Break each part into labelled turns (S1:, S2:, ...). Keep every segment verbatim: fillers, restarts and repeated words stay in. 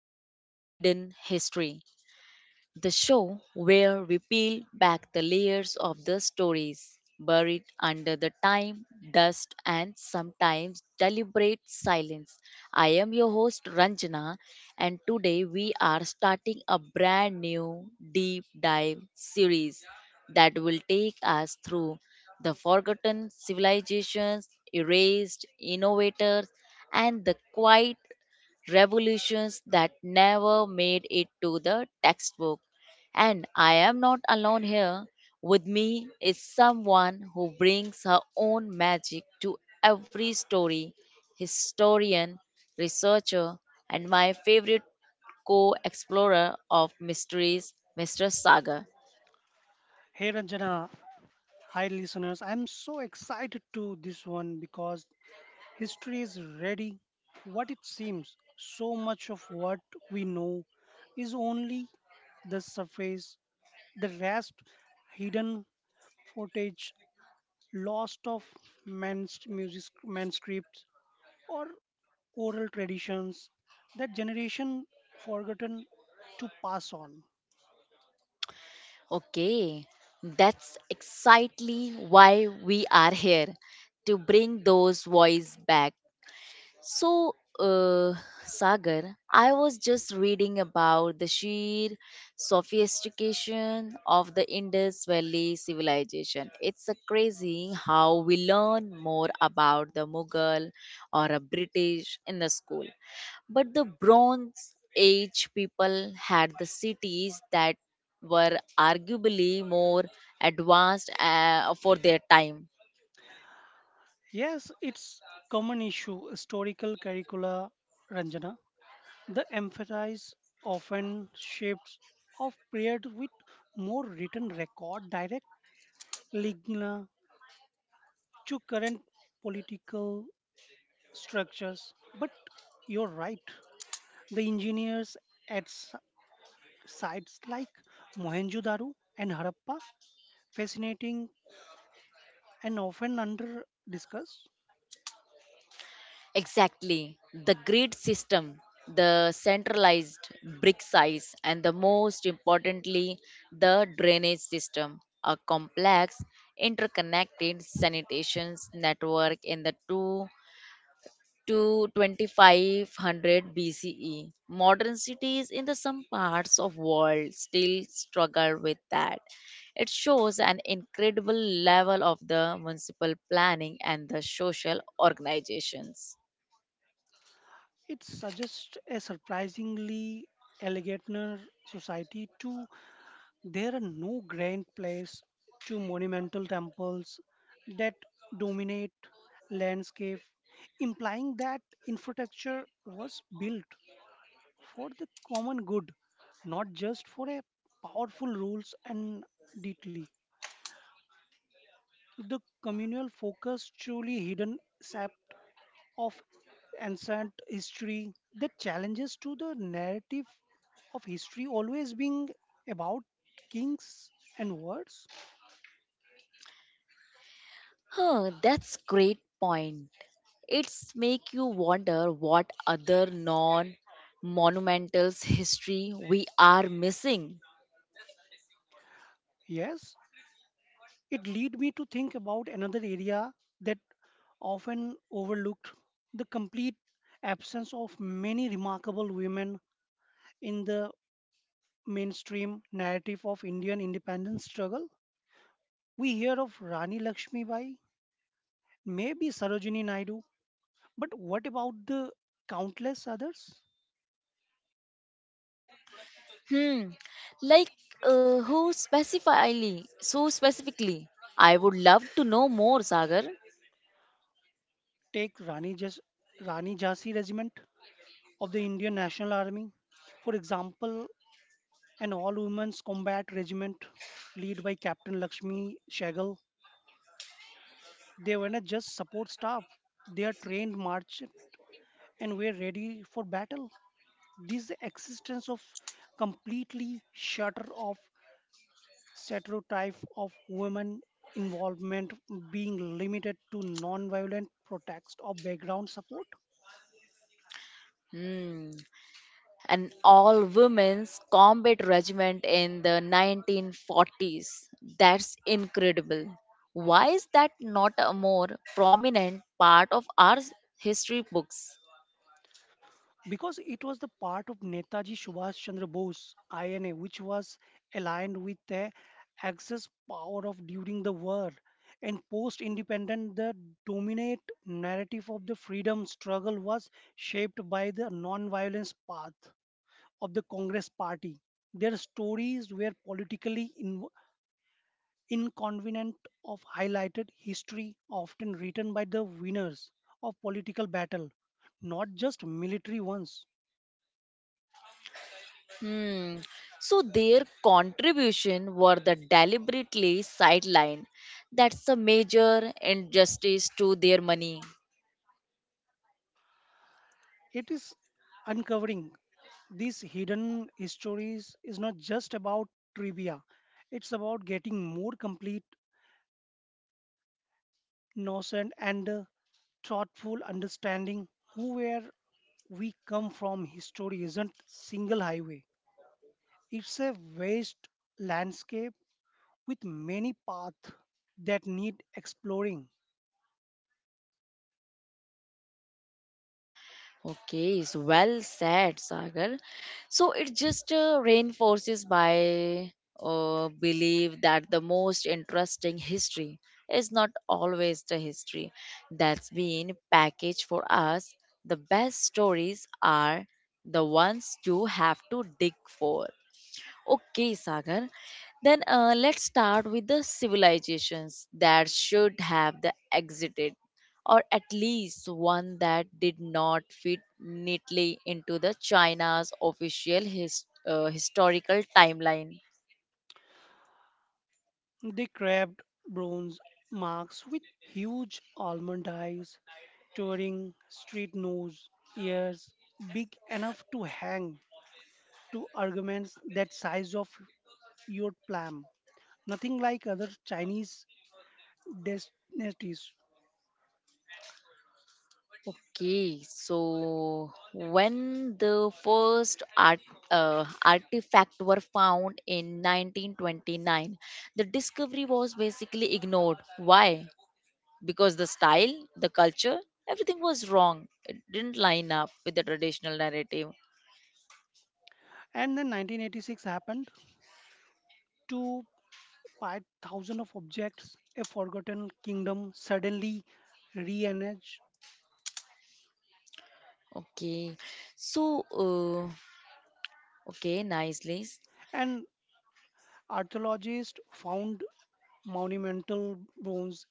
S1: back to Hidden History, the show where we peel back the layers of the stories buried under the time, dust, and sometimes deliberate silence. I am your host Ranjana, and today we are starting a brand new deep dive series that will take us through the forgotten civilizations, erased innovators, and the quiet revolutions that never made it to the textbook. And I am not alone here. With me is someone who brings her own magic to every story: historian, researcher, and my favorite co explorer of mysteries, mister Sagar.
S2: Hey Ranjana, hi listeners. I'm so excited to this one because history is ready. What it seems, so much of what we know is only the surface, the rest hidden footage, lost of man's music manuscripts or oral traditions that generation forgotten to pass on.
S1: Okay, that's exactly why we are here, to bring those voices back. So, uh, Sagar, I was just reading about the sheer sophistication of the Indus Valley civilization. It's a crazy how we learn more about the Mughal or a British in the school. But the Bronze Age people had the cities that were arguably more advanced uh, for their time.
S2: Yes, it's common issue historical curricula Ranjana. The emphasis often shifts of prayers with more written record direct lignina to current political structures. But you're right. The engineers at s- sites like Mohenjo-daro and Harappa, fascinating and often under discussed.
S1: Exactly. The grid system, the centralized brick size, and the most importantly, the drainage system, a complex interconnected sanitation network in the 2 to twenty-five hundred B C E. Modern cities in the some parts of world still struggle with that. It shows an incredible level of the municipal planning and the social organizations.
S2: It suggests a surprisingly elegant society too. There are no grand plays to monumental temples that dominate landscape, implying that infrastructure was built for the common good, not just for a powerful rules and deity. The communal focus truly hidden sept of ancient history that challenges to the narrative of history always being about kings and wars.
S1: Huh, that's great point. It's make you wonder what other non-monumental history we are missing.
S2: Yes, it led me to think about another area that often overlooked the complete absence of many remarkable women in the mainstream narrative of Indian independence struggle. We hear of Rani Lakshmi Bai, maybe Sarojini Naidu, but what about the countless others?
S1: Hmm, like uh, who specifically? So specifically, I would love to know more, Sagar.
S2: Take Rani, Jas- Rani Jhansi Regiment of the Indian National Army, for example, an all women's combat regiment led by Captain Lakshmi Shagal. They were not just support staff, they are trained march and were ready for battle. This existence of completely shutter off stereotype of women involvement being limited to non-violent protest or background support.
S1: Hmm, an all-women's combat regiment in the nineteen forties. That's incredible. Why is that not a more prominent part of our history books?
S2: Because it was the part of Netaji Subhash Chandra Bose I N A, which was aligned with the Axis power of during the war and post-independent. The dominant narrative of the freedom struggle was shaped by the non-violence path of the Congress Party. Their stories were politically in- inconvenient of highlighted history, often written by the winners of political battle, not just military ones.
S1: Hmm. So their contribution were the deliberately sidelined. That's a major injustice to their money.
S2: It is uncovering these hidden histories is not just about trivia. It's about getting more complete, innocent, and uh, thoughtful understanding who where we come from. History isn't single highway. It's a vast landscape with many paths that need exploring.
S1: Okay, so well said, Sagar. So it just uh, reinforces my uh, belief that the most interesting history is not always the history that's been packaged for us. The best stories are the ones you have to dig for. Okay, Sagar. Then uh, let's start with the civilizations that should have the exited, or at least one that did not fit neatly into the China's official his, uh, historical timeline.
S2: They carved bronze marks with huge almond eyes, touring street nose, ears big enough to hang to arguments that size of your plum. Nothing like other Chinese dynasties.
S1: Okay, so when the first art, uh, artifact were found in nineteen twenty-nine, the discovery was basically ignored. Why? Because the style, the culture, everything was wrong. It didn't line up with the traditional narrative.
S2: And then nineteen eighty-six happened to buy thousands of objects, a forgotten kingdom suddenly re-emerged.
S1: Okay. So, uh, okay, nice list.
S2: And archaeologists found monumental bones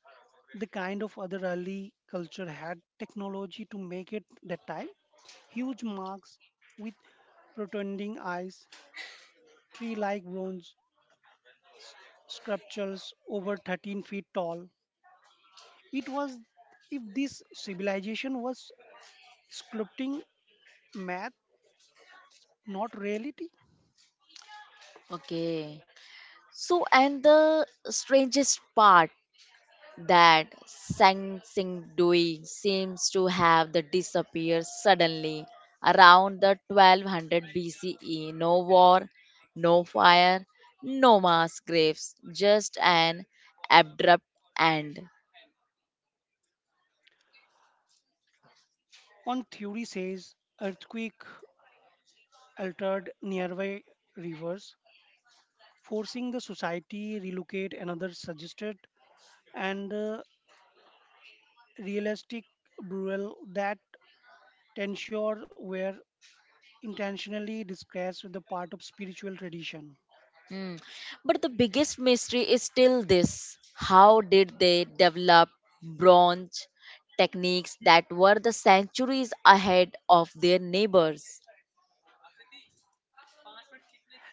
S2: the kind of other early culture had technology to make it that time. Huge marks with protruding eyes, tree like bronze sculptures over thirteen feet tall. It was if this civilization was sculpting math, not reality.
S1: Okay. So, and the strangest part that Sang Sing Dui seems to have the disappear suddenly around the twelve hundred B C E. No war, no fire, no mass graves, just an abrupt end.
S2: On theory says earthquake altered nearby rivers, forcing the society relocate another suggested and uh, realistic burial that Tensure were intentionally disguised with the part of spiritual tradition.
S1: Mm. But the biggest mystery is still this, how did they develop bronze techniques that were the centuries ahead of their neighbors?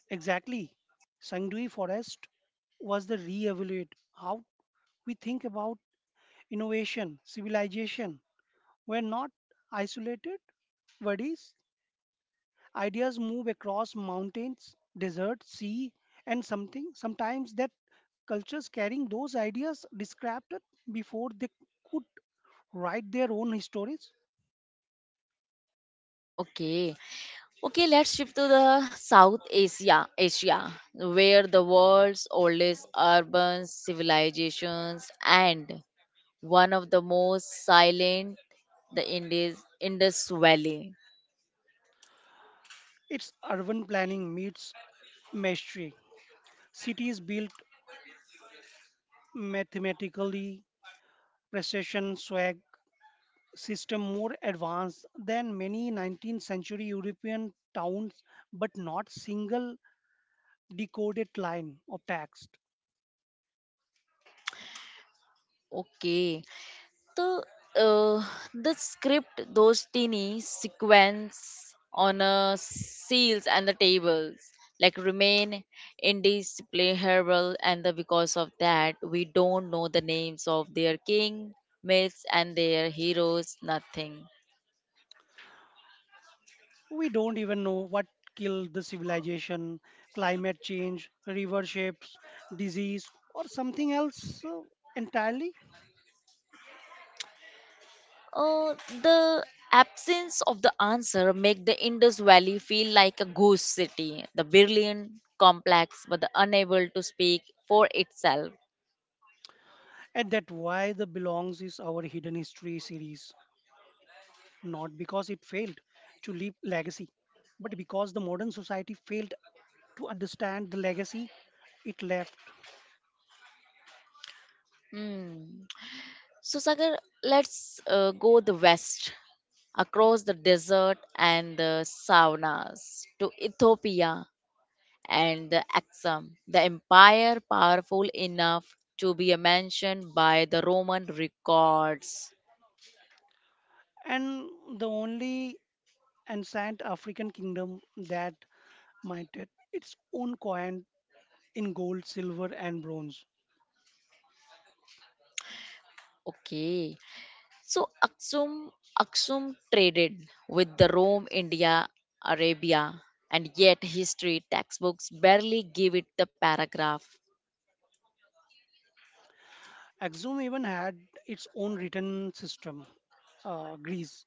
S2: Exactly. Sangdui Forest was the re-evaluate how we think about innovation, civilization. We're not isolated bodies. Ideas move across mountains, desert, sea, and something. Sometimes that cultures carrying those ideas described it before they could write their own stories.
S1: Okay. Okay, let's shift to the South Asia, Asia, where the world's oldest urban civilizations and one of the most silent, the Indus, Indus Valley.
S2: It's urban planning meets mastery. Cities built mathematically, precision, swag, system more advanced than many nineteenth century European towns, but not single decoded line of text.
S1: Okay, the uh, the script, those teeny sequence on a seals and the tables like, remain indiscernible. And the, because of that we don't know the names of their king myths and their heroes, nothing.
S2: We don't even know what killed the civilization, climate change, river shapes, disease, or something else uh, entirely.
S1: uh, the absence of the answer make the Indus Valley feel like a ghost city, the brilliant complex but the unable to speak for itself.
S2: And that why the belongs is our hidden history series, not because it failed to leave legacy, but because the modern society failed to understand the legacy it left.
S1: Hmm. So, Sagar, let's uh, go the west, across the desert and the savannas to Ethiopia and the Aksum, the empire powerful enough to be mentioned by the Roman records.
S2: And the only ancient African kingdom that minted its own coin in gold, silver, and bronze.
S1: Okay, so Aksum, Aksum traded with the Rome, India, Arabia, and yet history textbooks barely give it the paragraph.
S2: Axum even had its own written system, uh, Greece,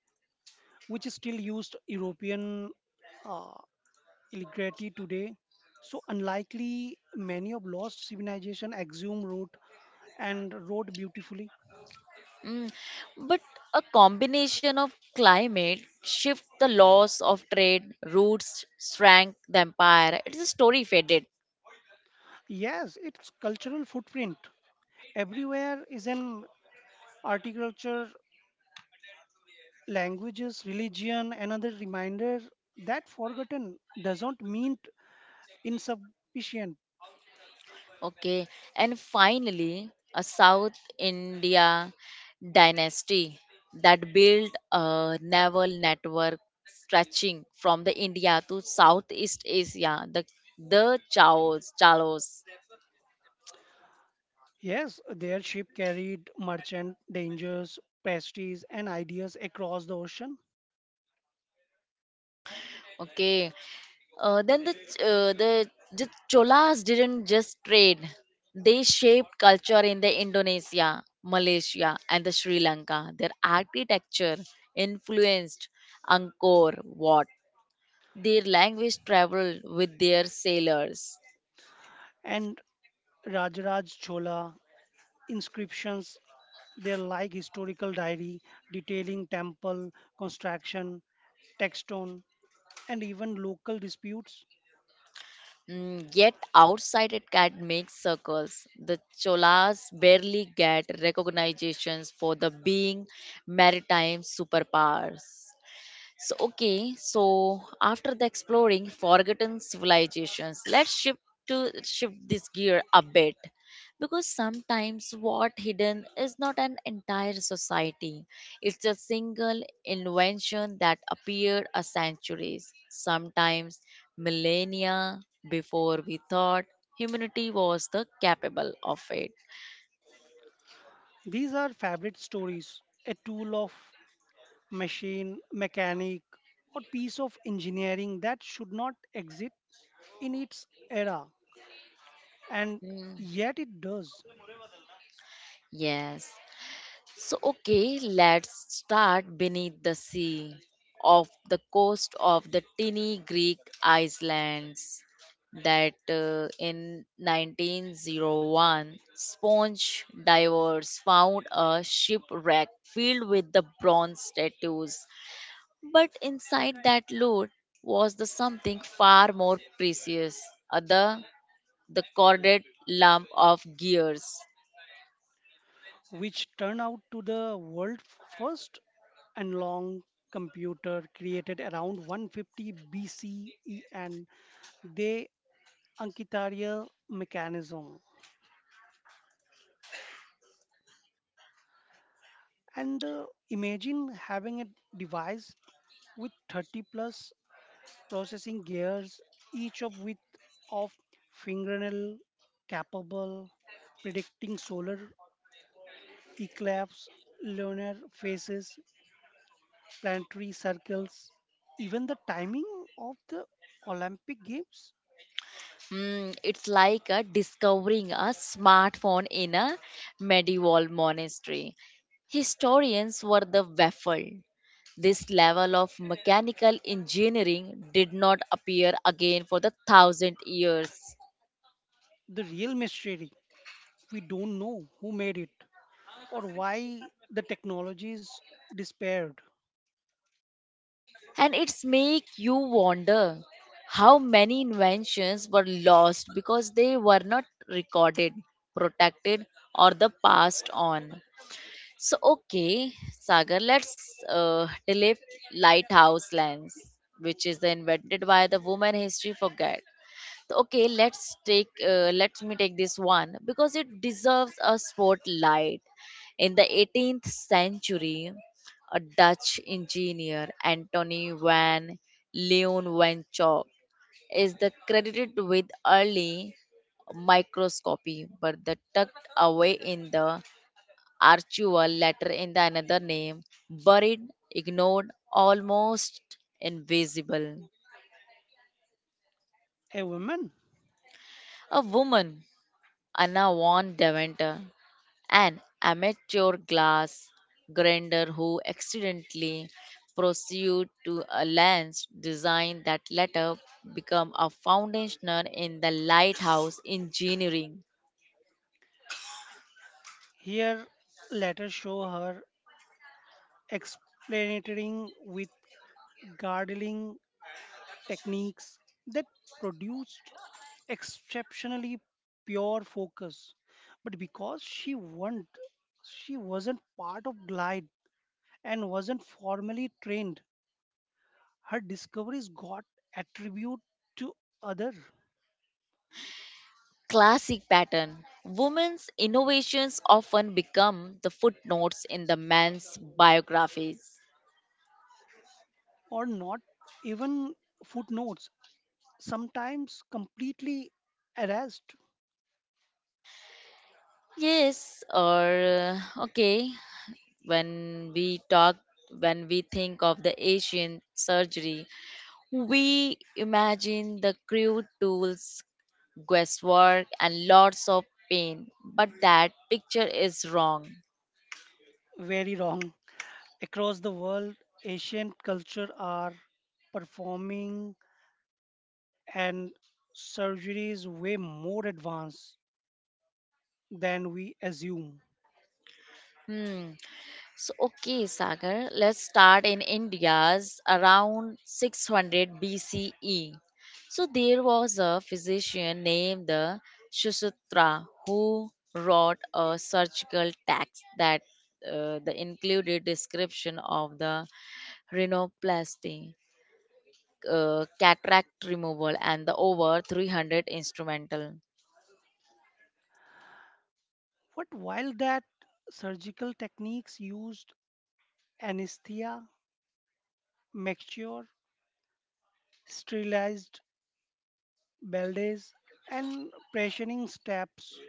S2: which is still used European uh, illiterate today, so unlikely many of lost civilization assume route and wrote beautifully.
S1: Mm, but a combination of climate shift, the loss of trade routes shrank the empire. It is a story faded.
S2: Yes, its cultural footprint everywhere is an articulture, languages, religion, another reminder that forgotten doesn't mean insufficient.
S1: Okay. And finally, a South India dynasty that built a naval network stretching from the India to Southeast Asia, the the Chaos, Chalos.
S2: Yes, their ship carried merchant dangers, pastries, and ideas across the ocean.
S1: Okay. Uh, then the Ch- uh, the J- Cholas didn't just trade; they shaped culture in the Indonesia, Malaysia, and the Sri Lanka. Their architecture influenced Angkor Wat. Their language traveled with their sailors.
S2: And Rajaraj Chola inscriptions they're like historical diary detailing temple construction, text stone, and even local disputes.
S1: Mm, yet outside academic circles, the Cholas barely get recognitions for the being maritime superpowers. So, okay, so after the exploring forgotten civilizations, let's shift to shift this gear a bit because sometimes what hidden is not an entire society, it's a single invention that appeared a centuries sometimes millennia before we thought humanity was the capable of it.
S2: These are favorite stories, a tool of machine, mechanic, or piece of engineering that should not exist in its era, and
S1: Hmm,
S2: yet it does,
S1: yes. So, okay, let's start beneath the sea off the coast of the teeny Greek islands that uh, in nineteen hundred one sponge divers found a shipwreck filled with the bronze statues, but inside that loot was the something far more precious, uh, the the corded lump of gears.
S2: which turn out to the world first and long computer created around one fifty B C E and the Ankitaria mechanism. And uh, imagine having a device with thirty plus processing gears, each of with of fingernail capable predicting solar eclipse, lunar phases, planetary circles, even the timing of the Olympic Games.
S1: Mm, it's like a discovering a smartphone in a medieval monastery. Historians were the baffled. This level of mechanical engineering did not appear again for the thousand years.
S2: The real mystery we don't know who made it or why the technology is despaired.
S1: And it's make you wonder how many inventions were lost because they were not recorded, protected, or the passed on. So, okay, Sagar, let's uh, delay lighthouse lens, which is the invented by the woman history forget. So, okay, let's take, uh, let me take this one because it deserves a spotlight. In the eighteenth century, a Dutch engineer, Antony van Leeuwenhoek, is the credited with early microscopy, but the tucked away in the Archua, later in the another name, buried, ignored, almost invisible.
S2: A woman.
S1: A woman, Anna von Deventer, an amateur glass grinder who accidentally pursued to a lens design that later became a foundational in the lighthouse engineering.
S2: Here, let us show her explaining with gardening techniques that produced exceptionally pure focus. But because she will she wasn't part of Glide and wasn't formally trained, her discoveries got attributed to other
S1: Classic pattern. Women's innovations often become the footnotes in the man's biographies.
S2: or not even footnotes sometimes completely erased.
S1: Yes, or uh, okay, when we talk, when we think of the Asian surgery, we imagine the crude tools, guesswork, and lots of pain. But that picture is wrong.
S2: Very wrong. Across the world, ancient culture are performing and surgeries way more advanced than we assume.
S1: Hmm, so, okay, Sagar, let's start in India's around six hundred B C E. So, there was a physician named the Sushruta who wrote a surgical text that uh, the included description of the rhinoplasty, uh, cataract removal, and the over three hundred instrumental.
S2: What while that surgical techniques used anesthesia, mixture, sterilized bandages, and pressuring steps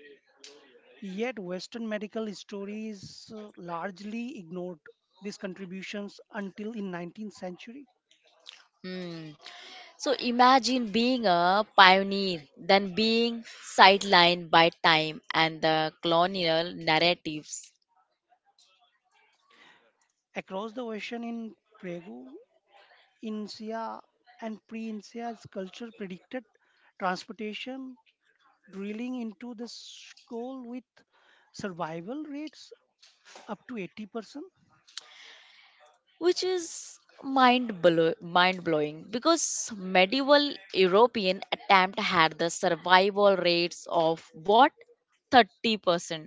S2: yet, Western medical history is uh, largely ignored these contributions until in nineteenth century.
S1: Hmm. So imagine being a pioneer, then being sidelined by time and the colonial narratives,
S2: Across the ocean in Prego, Incia and pre-Incia's culture predicted transportation, drilling into the skull with survival rates up to eighty percent.
S1: which is mind blow- mind blowing because medieval European attempt had the survival rates of what, thirty percent.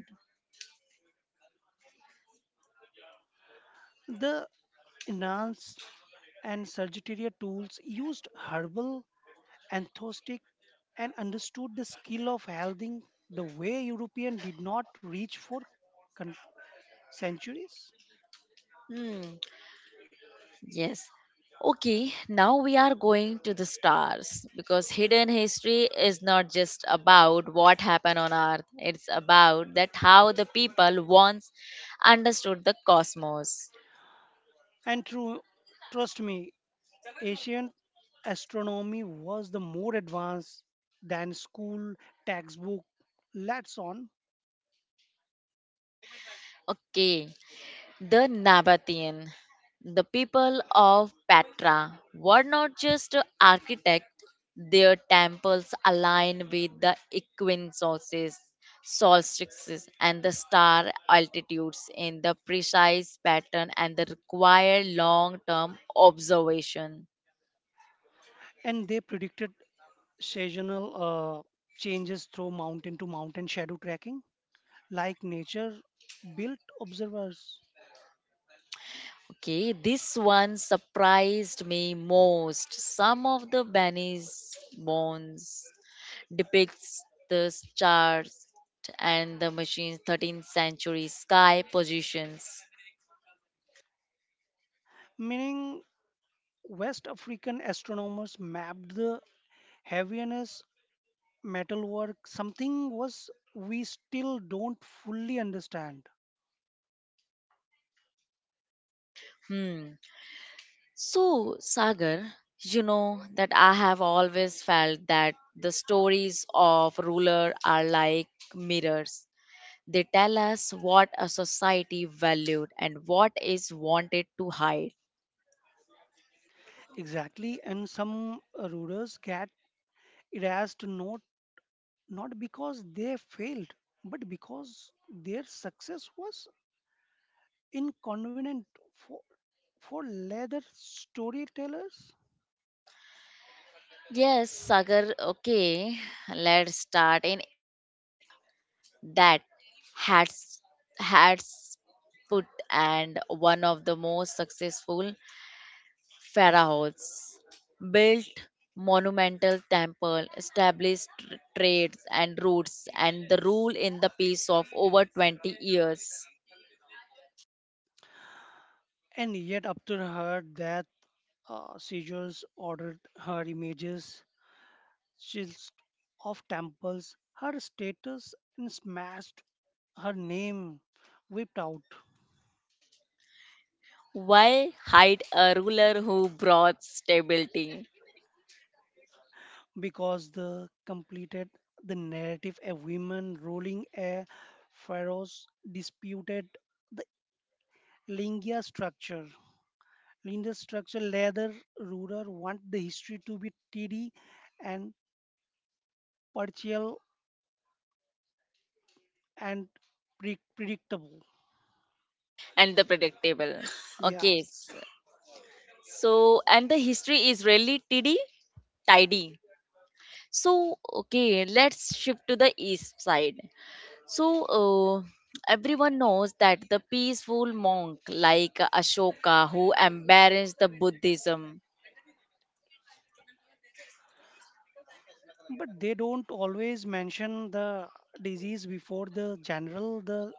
S2: The enhanced and surgical tools used herbal, anthostic, and understood the skill of welding the way European did not reach for con- centuries.
S1: Hmm. Yes. Okay, now we are going to the stars because hidden history is not just about what happened on earth, it's about that how the people once understood the cosmos.
S2: And true, trust me, ancient astronomy was the more advanced than school textbook lets on,
S1: Okay, the Nabatean, the people of Petra, were not just architects, their temples aligned with the equinoxes, solstices, and the star altitudes in the precise pattern and the required long term observation.
S2: and they predicted seasonal uh, changes through mountain to mountain shadow tracking, like nature built observers,
S1: Okay, this one surprised me most. Some of the Benny's bones depicts the stars and the machine's thirteenth century sky positions.
S2: meaning West African astronomers mapped the heaviness metalwork, something was we still don't fully understand
S1: Hmm. So, Sagar, you know that I have always felt that the stories of ruler are like mirrors. They tell us what a society valued and what is wanted to hide.
S2: exactly, and some uh, rulers get erased not not because they failed, but because their success was inconvenient for for leather storytellers.
S1: Yes, Sagar, okay, let's start in Egypt that had had put and one of the most successful pharaohs built monumental temple established tr- trades and routes and the rule in the peace of over twenty years.
S2: And yet, after her death, uh, Caesars ordered her images, shields of temples, her status, and smashed her name whipped out.
S1: Why hide a ruler who brought stability
S2: Because the completed the narrative a woman ruling a pharaoh's disputed the lingia structure lingia structure leather ruler want the history to be tidy and partial and pre- predictable.
S1: and the predictable? Okay, s-
S2: Yes.
S1: so and the history is really tidy tidy. So, okay, let's shift to the east side. So, uh, everyone knows that the peaceful monk like Ashoka who embraced the Buddhism.
S2: But they don't always mention the disease before the general the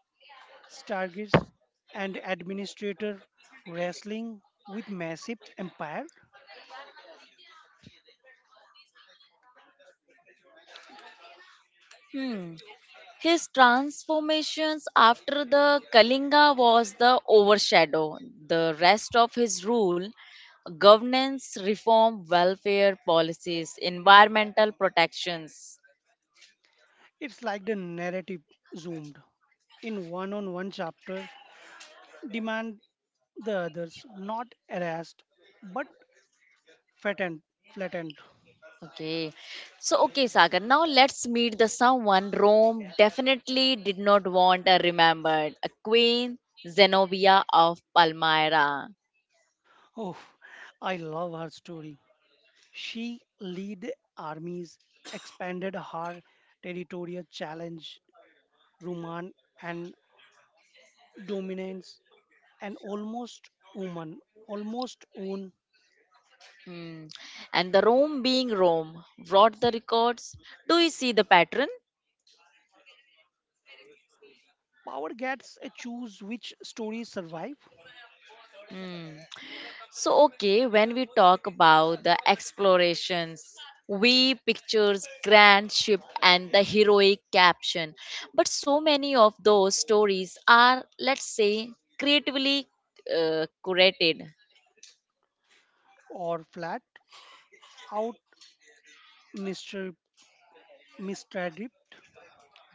S2: stargates and administrator wrestling with massive empire.
S1: Hmm. His transformations after the Kalinga was the overshadow. The rest of his rule, governance reform, welfare policies, environmental protections.
S2: It's like the narrative zoomed in one on one chapter, demand the others not harassed but fattened, flattened.
S1: Okay. So, okay, Sagar, now let's meet the someone Rome definitely did not want uh, remembered, a Queen Zenobia of Palmyra.
S2: Oh, I love her story. She lead armies, expanded her territorial challenge, Roman and dominance, and almost woman, almost own.
S1: Hmm. And the Rome being Rome, wrote the records. Do you see the pattern?
S2: Power gets a choose which stories survive
S1: Hmm. So, okay, when we talk about the explorations, we pictures grand ship and the heroic caption. But so many of those stories are, let's say, creatively uh, curated.
S2: or flat out mister mister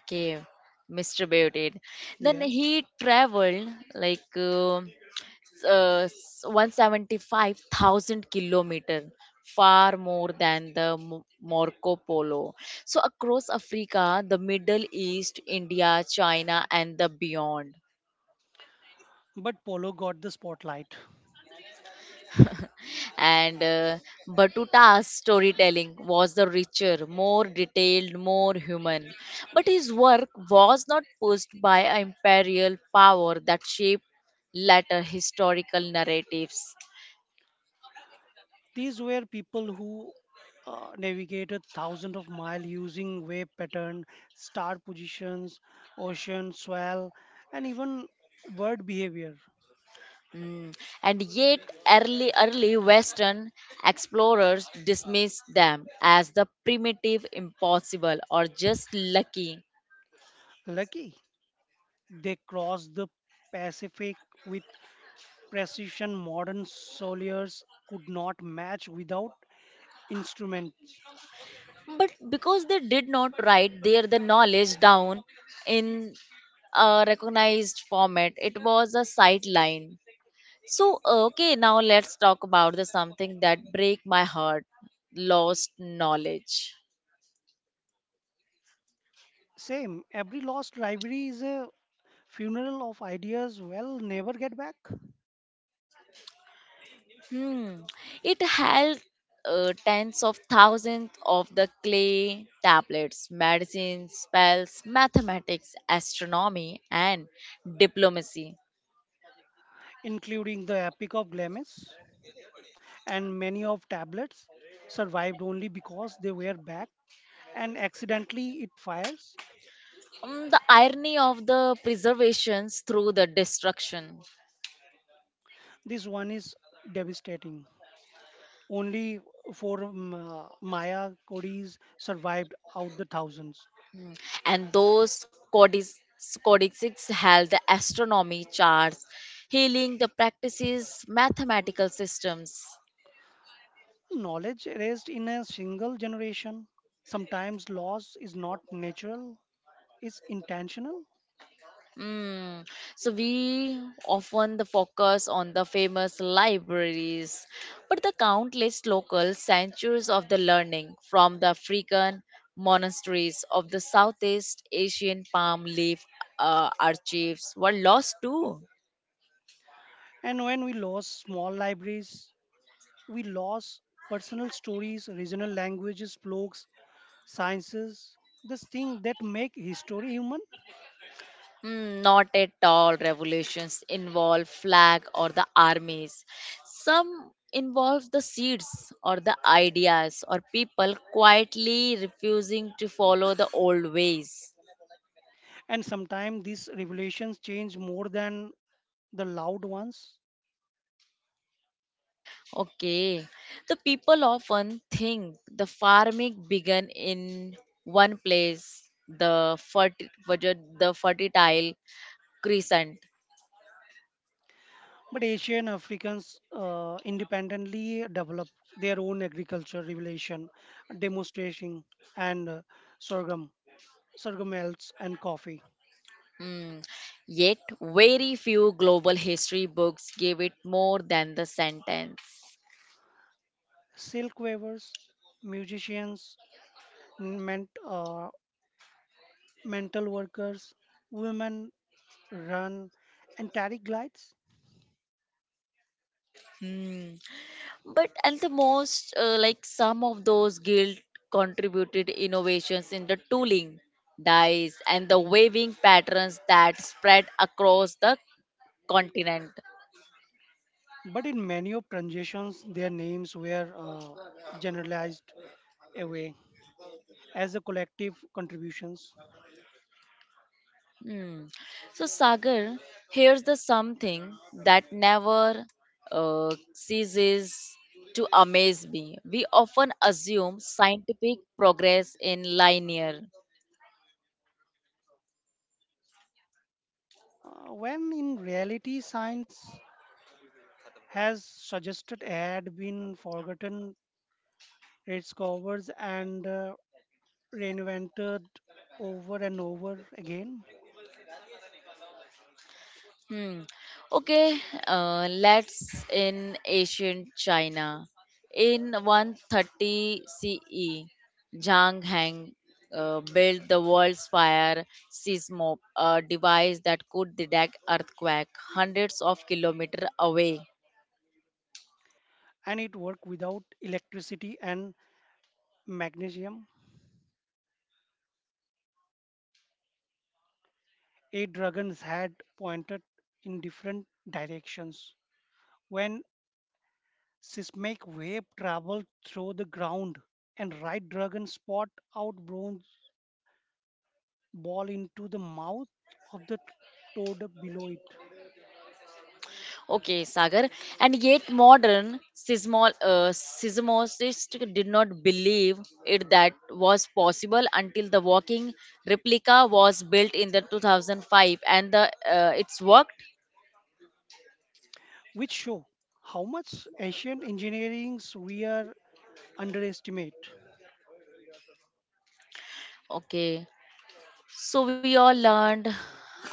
S1: Okay, mister Beauty. Then
S2: Yes,
S1: he traveled, like. um uh, s- one hundred seventy-five thousand kilometers, far more than the Mo- Marco Polo. So, across Africa, the Middle East, India, China, and the beyond.
S2: but Polo got the spotlight.
S1: And uh, Batuta's storytelling was the richer, more detailed, more human. But his work was not pushed by an imperial power that shaped later historical narratives.
S2: These were people who uh, navigated thousands of miles using wave pattern, star positions, ocean swell, and even word behavior.
S1: Mm. And yet, early, early Western explorers dismissed them as the primitive, impossible, or just lucky.
S2: Lucky they crossed the Pacific with precision modern soldiers could not match without instruments.
S1: But because they did not write their the knowledge down in a recognized format, it was a sideline. So, okay, now let's talk about the something that break my heart: lost knowledge.
S2: Same, every lost rivalry is a funeral of ideas well, never get back.
S1: Hmm. It held uh, tens of thousands of the clay tablets, medicines, spells, mathematics, astronomy, and diplomacy.
S2: Including the Epic of Glamis, and many of tablets survived only because they were backed and accidentally it fires.
S1: Mm. The irony of the preservations through the destruction.
S2: This one is devastating. Only four um, uh, Maya Codis survived out the thousands.
S1: And those codices, codices held the astronomy charts, healing the practices, mathematical systems.
S2: Knowledge erased in a single generation. Sometimes loss is not natural, it's intentional.
S1: Mm. So we often the focus on the famous libraries, but the countless local centers of the learning from the African monasteries of the Southeast Asian palm leaf uh, archives were lost too.
S2: And when we lose small libraries, we lose personal stories, regional languages, blogs, sciences, this thing that make history human.
S1: Mm, not at all. Revolutions involve flag or the armies. Some involve the seeds or the ideas or people quietly refusing to follow the old ways.
S2: And sometimes these revelations change more than the loud ones.
S1: Okay. The people often think the farming began in one place, the, ferti- ferti- the fertile crescent.
S2: But Asian Africans uh, independently develop their own agriculture revelation, demonstration, and uh, sorghum, sorghum elts and coffee.
S1: Hmm. Yet, very few global history books give it more than the sentence.
S2: Silk weavers, musicians, ment, uh, mental workers, women run and taric glides
S1: Hmm. But and the most uh, like some of those guild contributed innovations in the tooling, dyes, and the waving patterns that spread across the continent.
S2: but in many of transitions, their names were uh, generalized away as a collective contributions,
S1: Hmm. So Sagar, here's the something that never uh, ceases to amaze me. We often assume scientific progress in linear.
S2: uh, when in reality science has suggested had been forgotten, rediscovered, and uh, reinvented over and over again.
S1: Hmm. Okay, uh, let's in ancient China. In one thirty C E, Zhang Heng uh, built the world's fire seismo, a device that could detect earthquake hundreds of kilometers away.
S2: And it worked without electricity and magnesium. Eight dragons had pointed in different directions when seismic wave travel through the ground and right dragon spot out bronze ball into the mouth of the toad below it,
S1: Okay, Sagar. And yet, modern seismol- uh, seismologists did not believe it that was possible until the walking replica was built in the two thousand five, and the uh, it's worked.
S2: which show how much ancient engineerings we are underestimate.
S1: Okay, so we all learned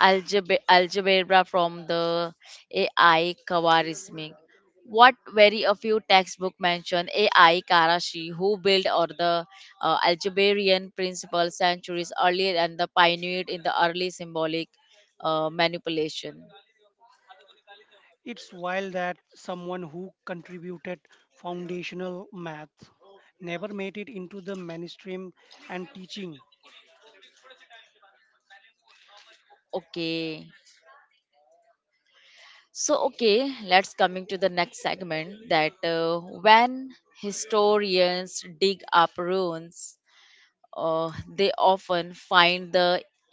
S1: algebra, algebra from the A I Khawarizmi. What very a few textbook mention A I Karashi, who built or the uh, algebraic principle centuries earlier and the pioneered in the early symbolic uh, manipulation.
S2: It's wild that someone who contributed foundational math never made it into the mainstream and teaching.
S1: Okay, so okay, let's coming to the next segment that uh, when historians dig up ruins uh, they often find the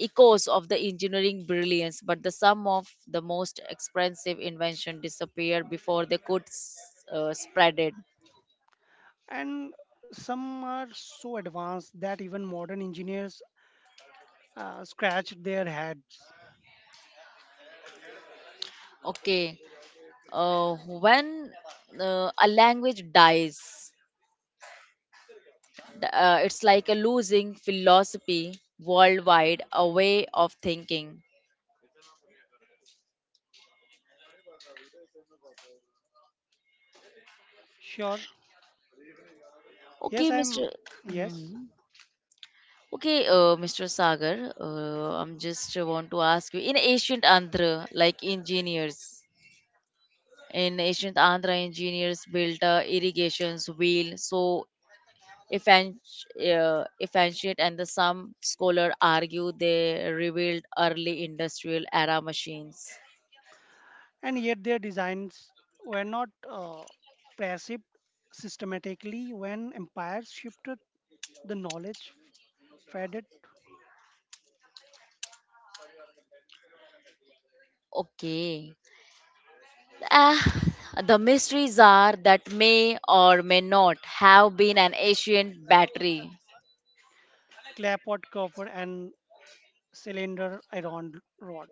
S1: echoes of the engineering brilliance, but the some of the most expensive invention disappeared before they could s- uh, spread it.
S2: And some are so advanced that even modern engineers uh, scratch their heads.
S1: Okay, uh, when uh, a language dies, th- uh, it's like a losing philosophy worldwide, a way of thinking.
S2: Sure.
S1: Okay,
S2: Yes, I'm.
S1: mister
S2: Yes.
S1: Mhm. Okay, uh, mister Sagar, uh, I'm just uh, want to ask you in ancient Andhra, like engineers, in ancient Andhra, engineers built uh, irrigations wheel. So, if an- uh, if ancient and the some scholar argue they revealed early industrial era machines.
S2: And yet their designs were not uh, perceived systematically when empires shifted the knowledge faded
S1: Okay. Ah, the mysteries are that may or may not have been an ancient battery.
S2: clapboard cover and cylinder iron rod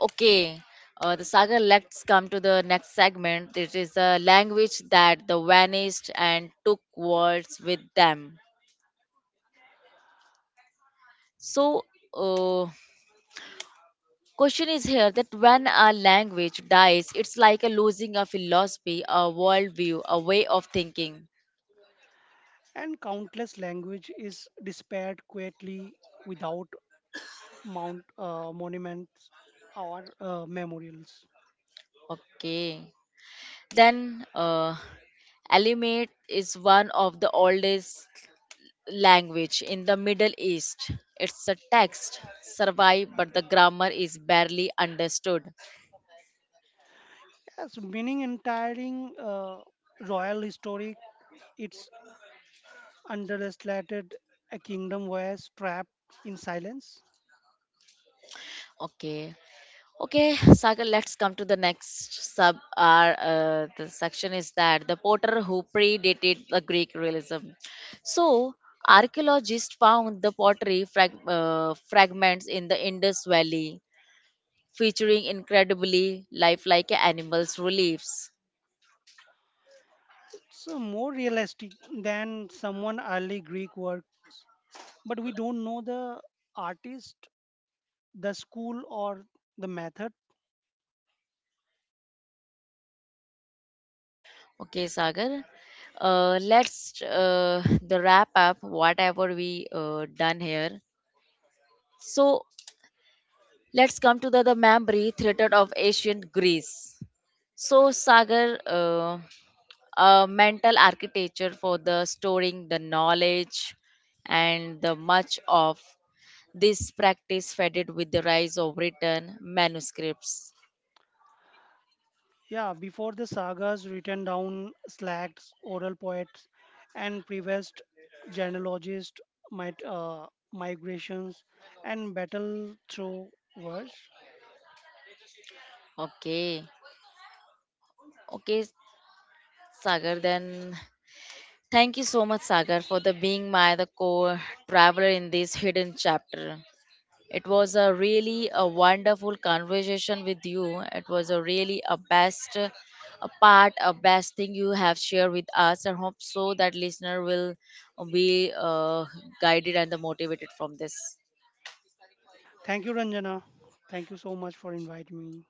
S1: Okay. Uh, the saga, let's come to the next segment. It is a language that the vanished and took words with them. So, uh, question is here that when a language dies, it's like a losing a philosophy, a worldview, a way of thinking.
S2: and countless language is despaired quietly without mount uh, monuments or uh, memorials
S1: Okay. Then, uh, Alimate is one of the oldest language in the Middle East. It's a text survive, but the grammar is barely understood.
S2: yes meaning entire uh, royal historic its understated a kingdom was trapped in silence.
S1: Okay. Okay, Sagar, let's come to the next sub. Our uh, the section is that the Potter who predated the Greek realism. So archaeologists found the pottery frag- uh, fragments in the Indus Valley, featuring incredibly lifelike animals' reliefs.
S2: It's uh, more realistic than someone early Greek work, but we don't know the artist, the school, or the method.
S1: Okay, Sagar, uh, let's uh, the wrap up whatever we uh, done here. So let's come to the the memory theater of ancient Greece. So, Sagar, uh, a mental architecture for the storing the knowledge and the much of this practice faded with the rise of written manuscripts.
S2: Yeah, before the sagas written down, slags, oral poets, and previous genealogists might uh, migrations and battle through verse.
S1: Okay, okay, Sagar. Then thank you so much, Sagar, for the being my the core traveler in this hidden chapter. It was a really a wonderful conversation with you. It was a really a best uh, a part, a best thing you have shared with us. I hope so that listener will be uh, guided and motivated from this.
S2: Thank you, Ranjana. Thank you so much for inviting me.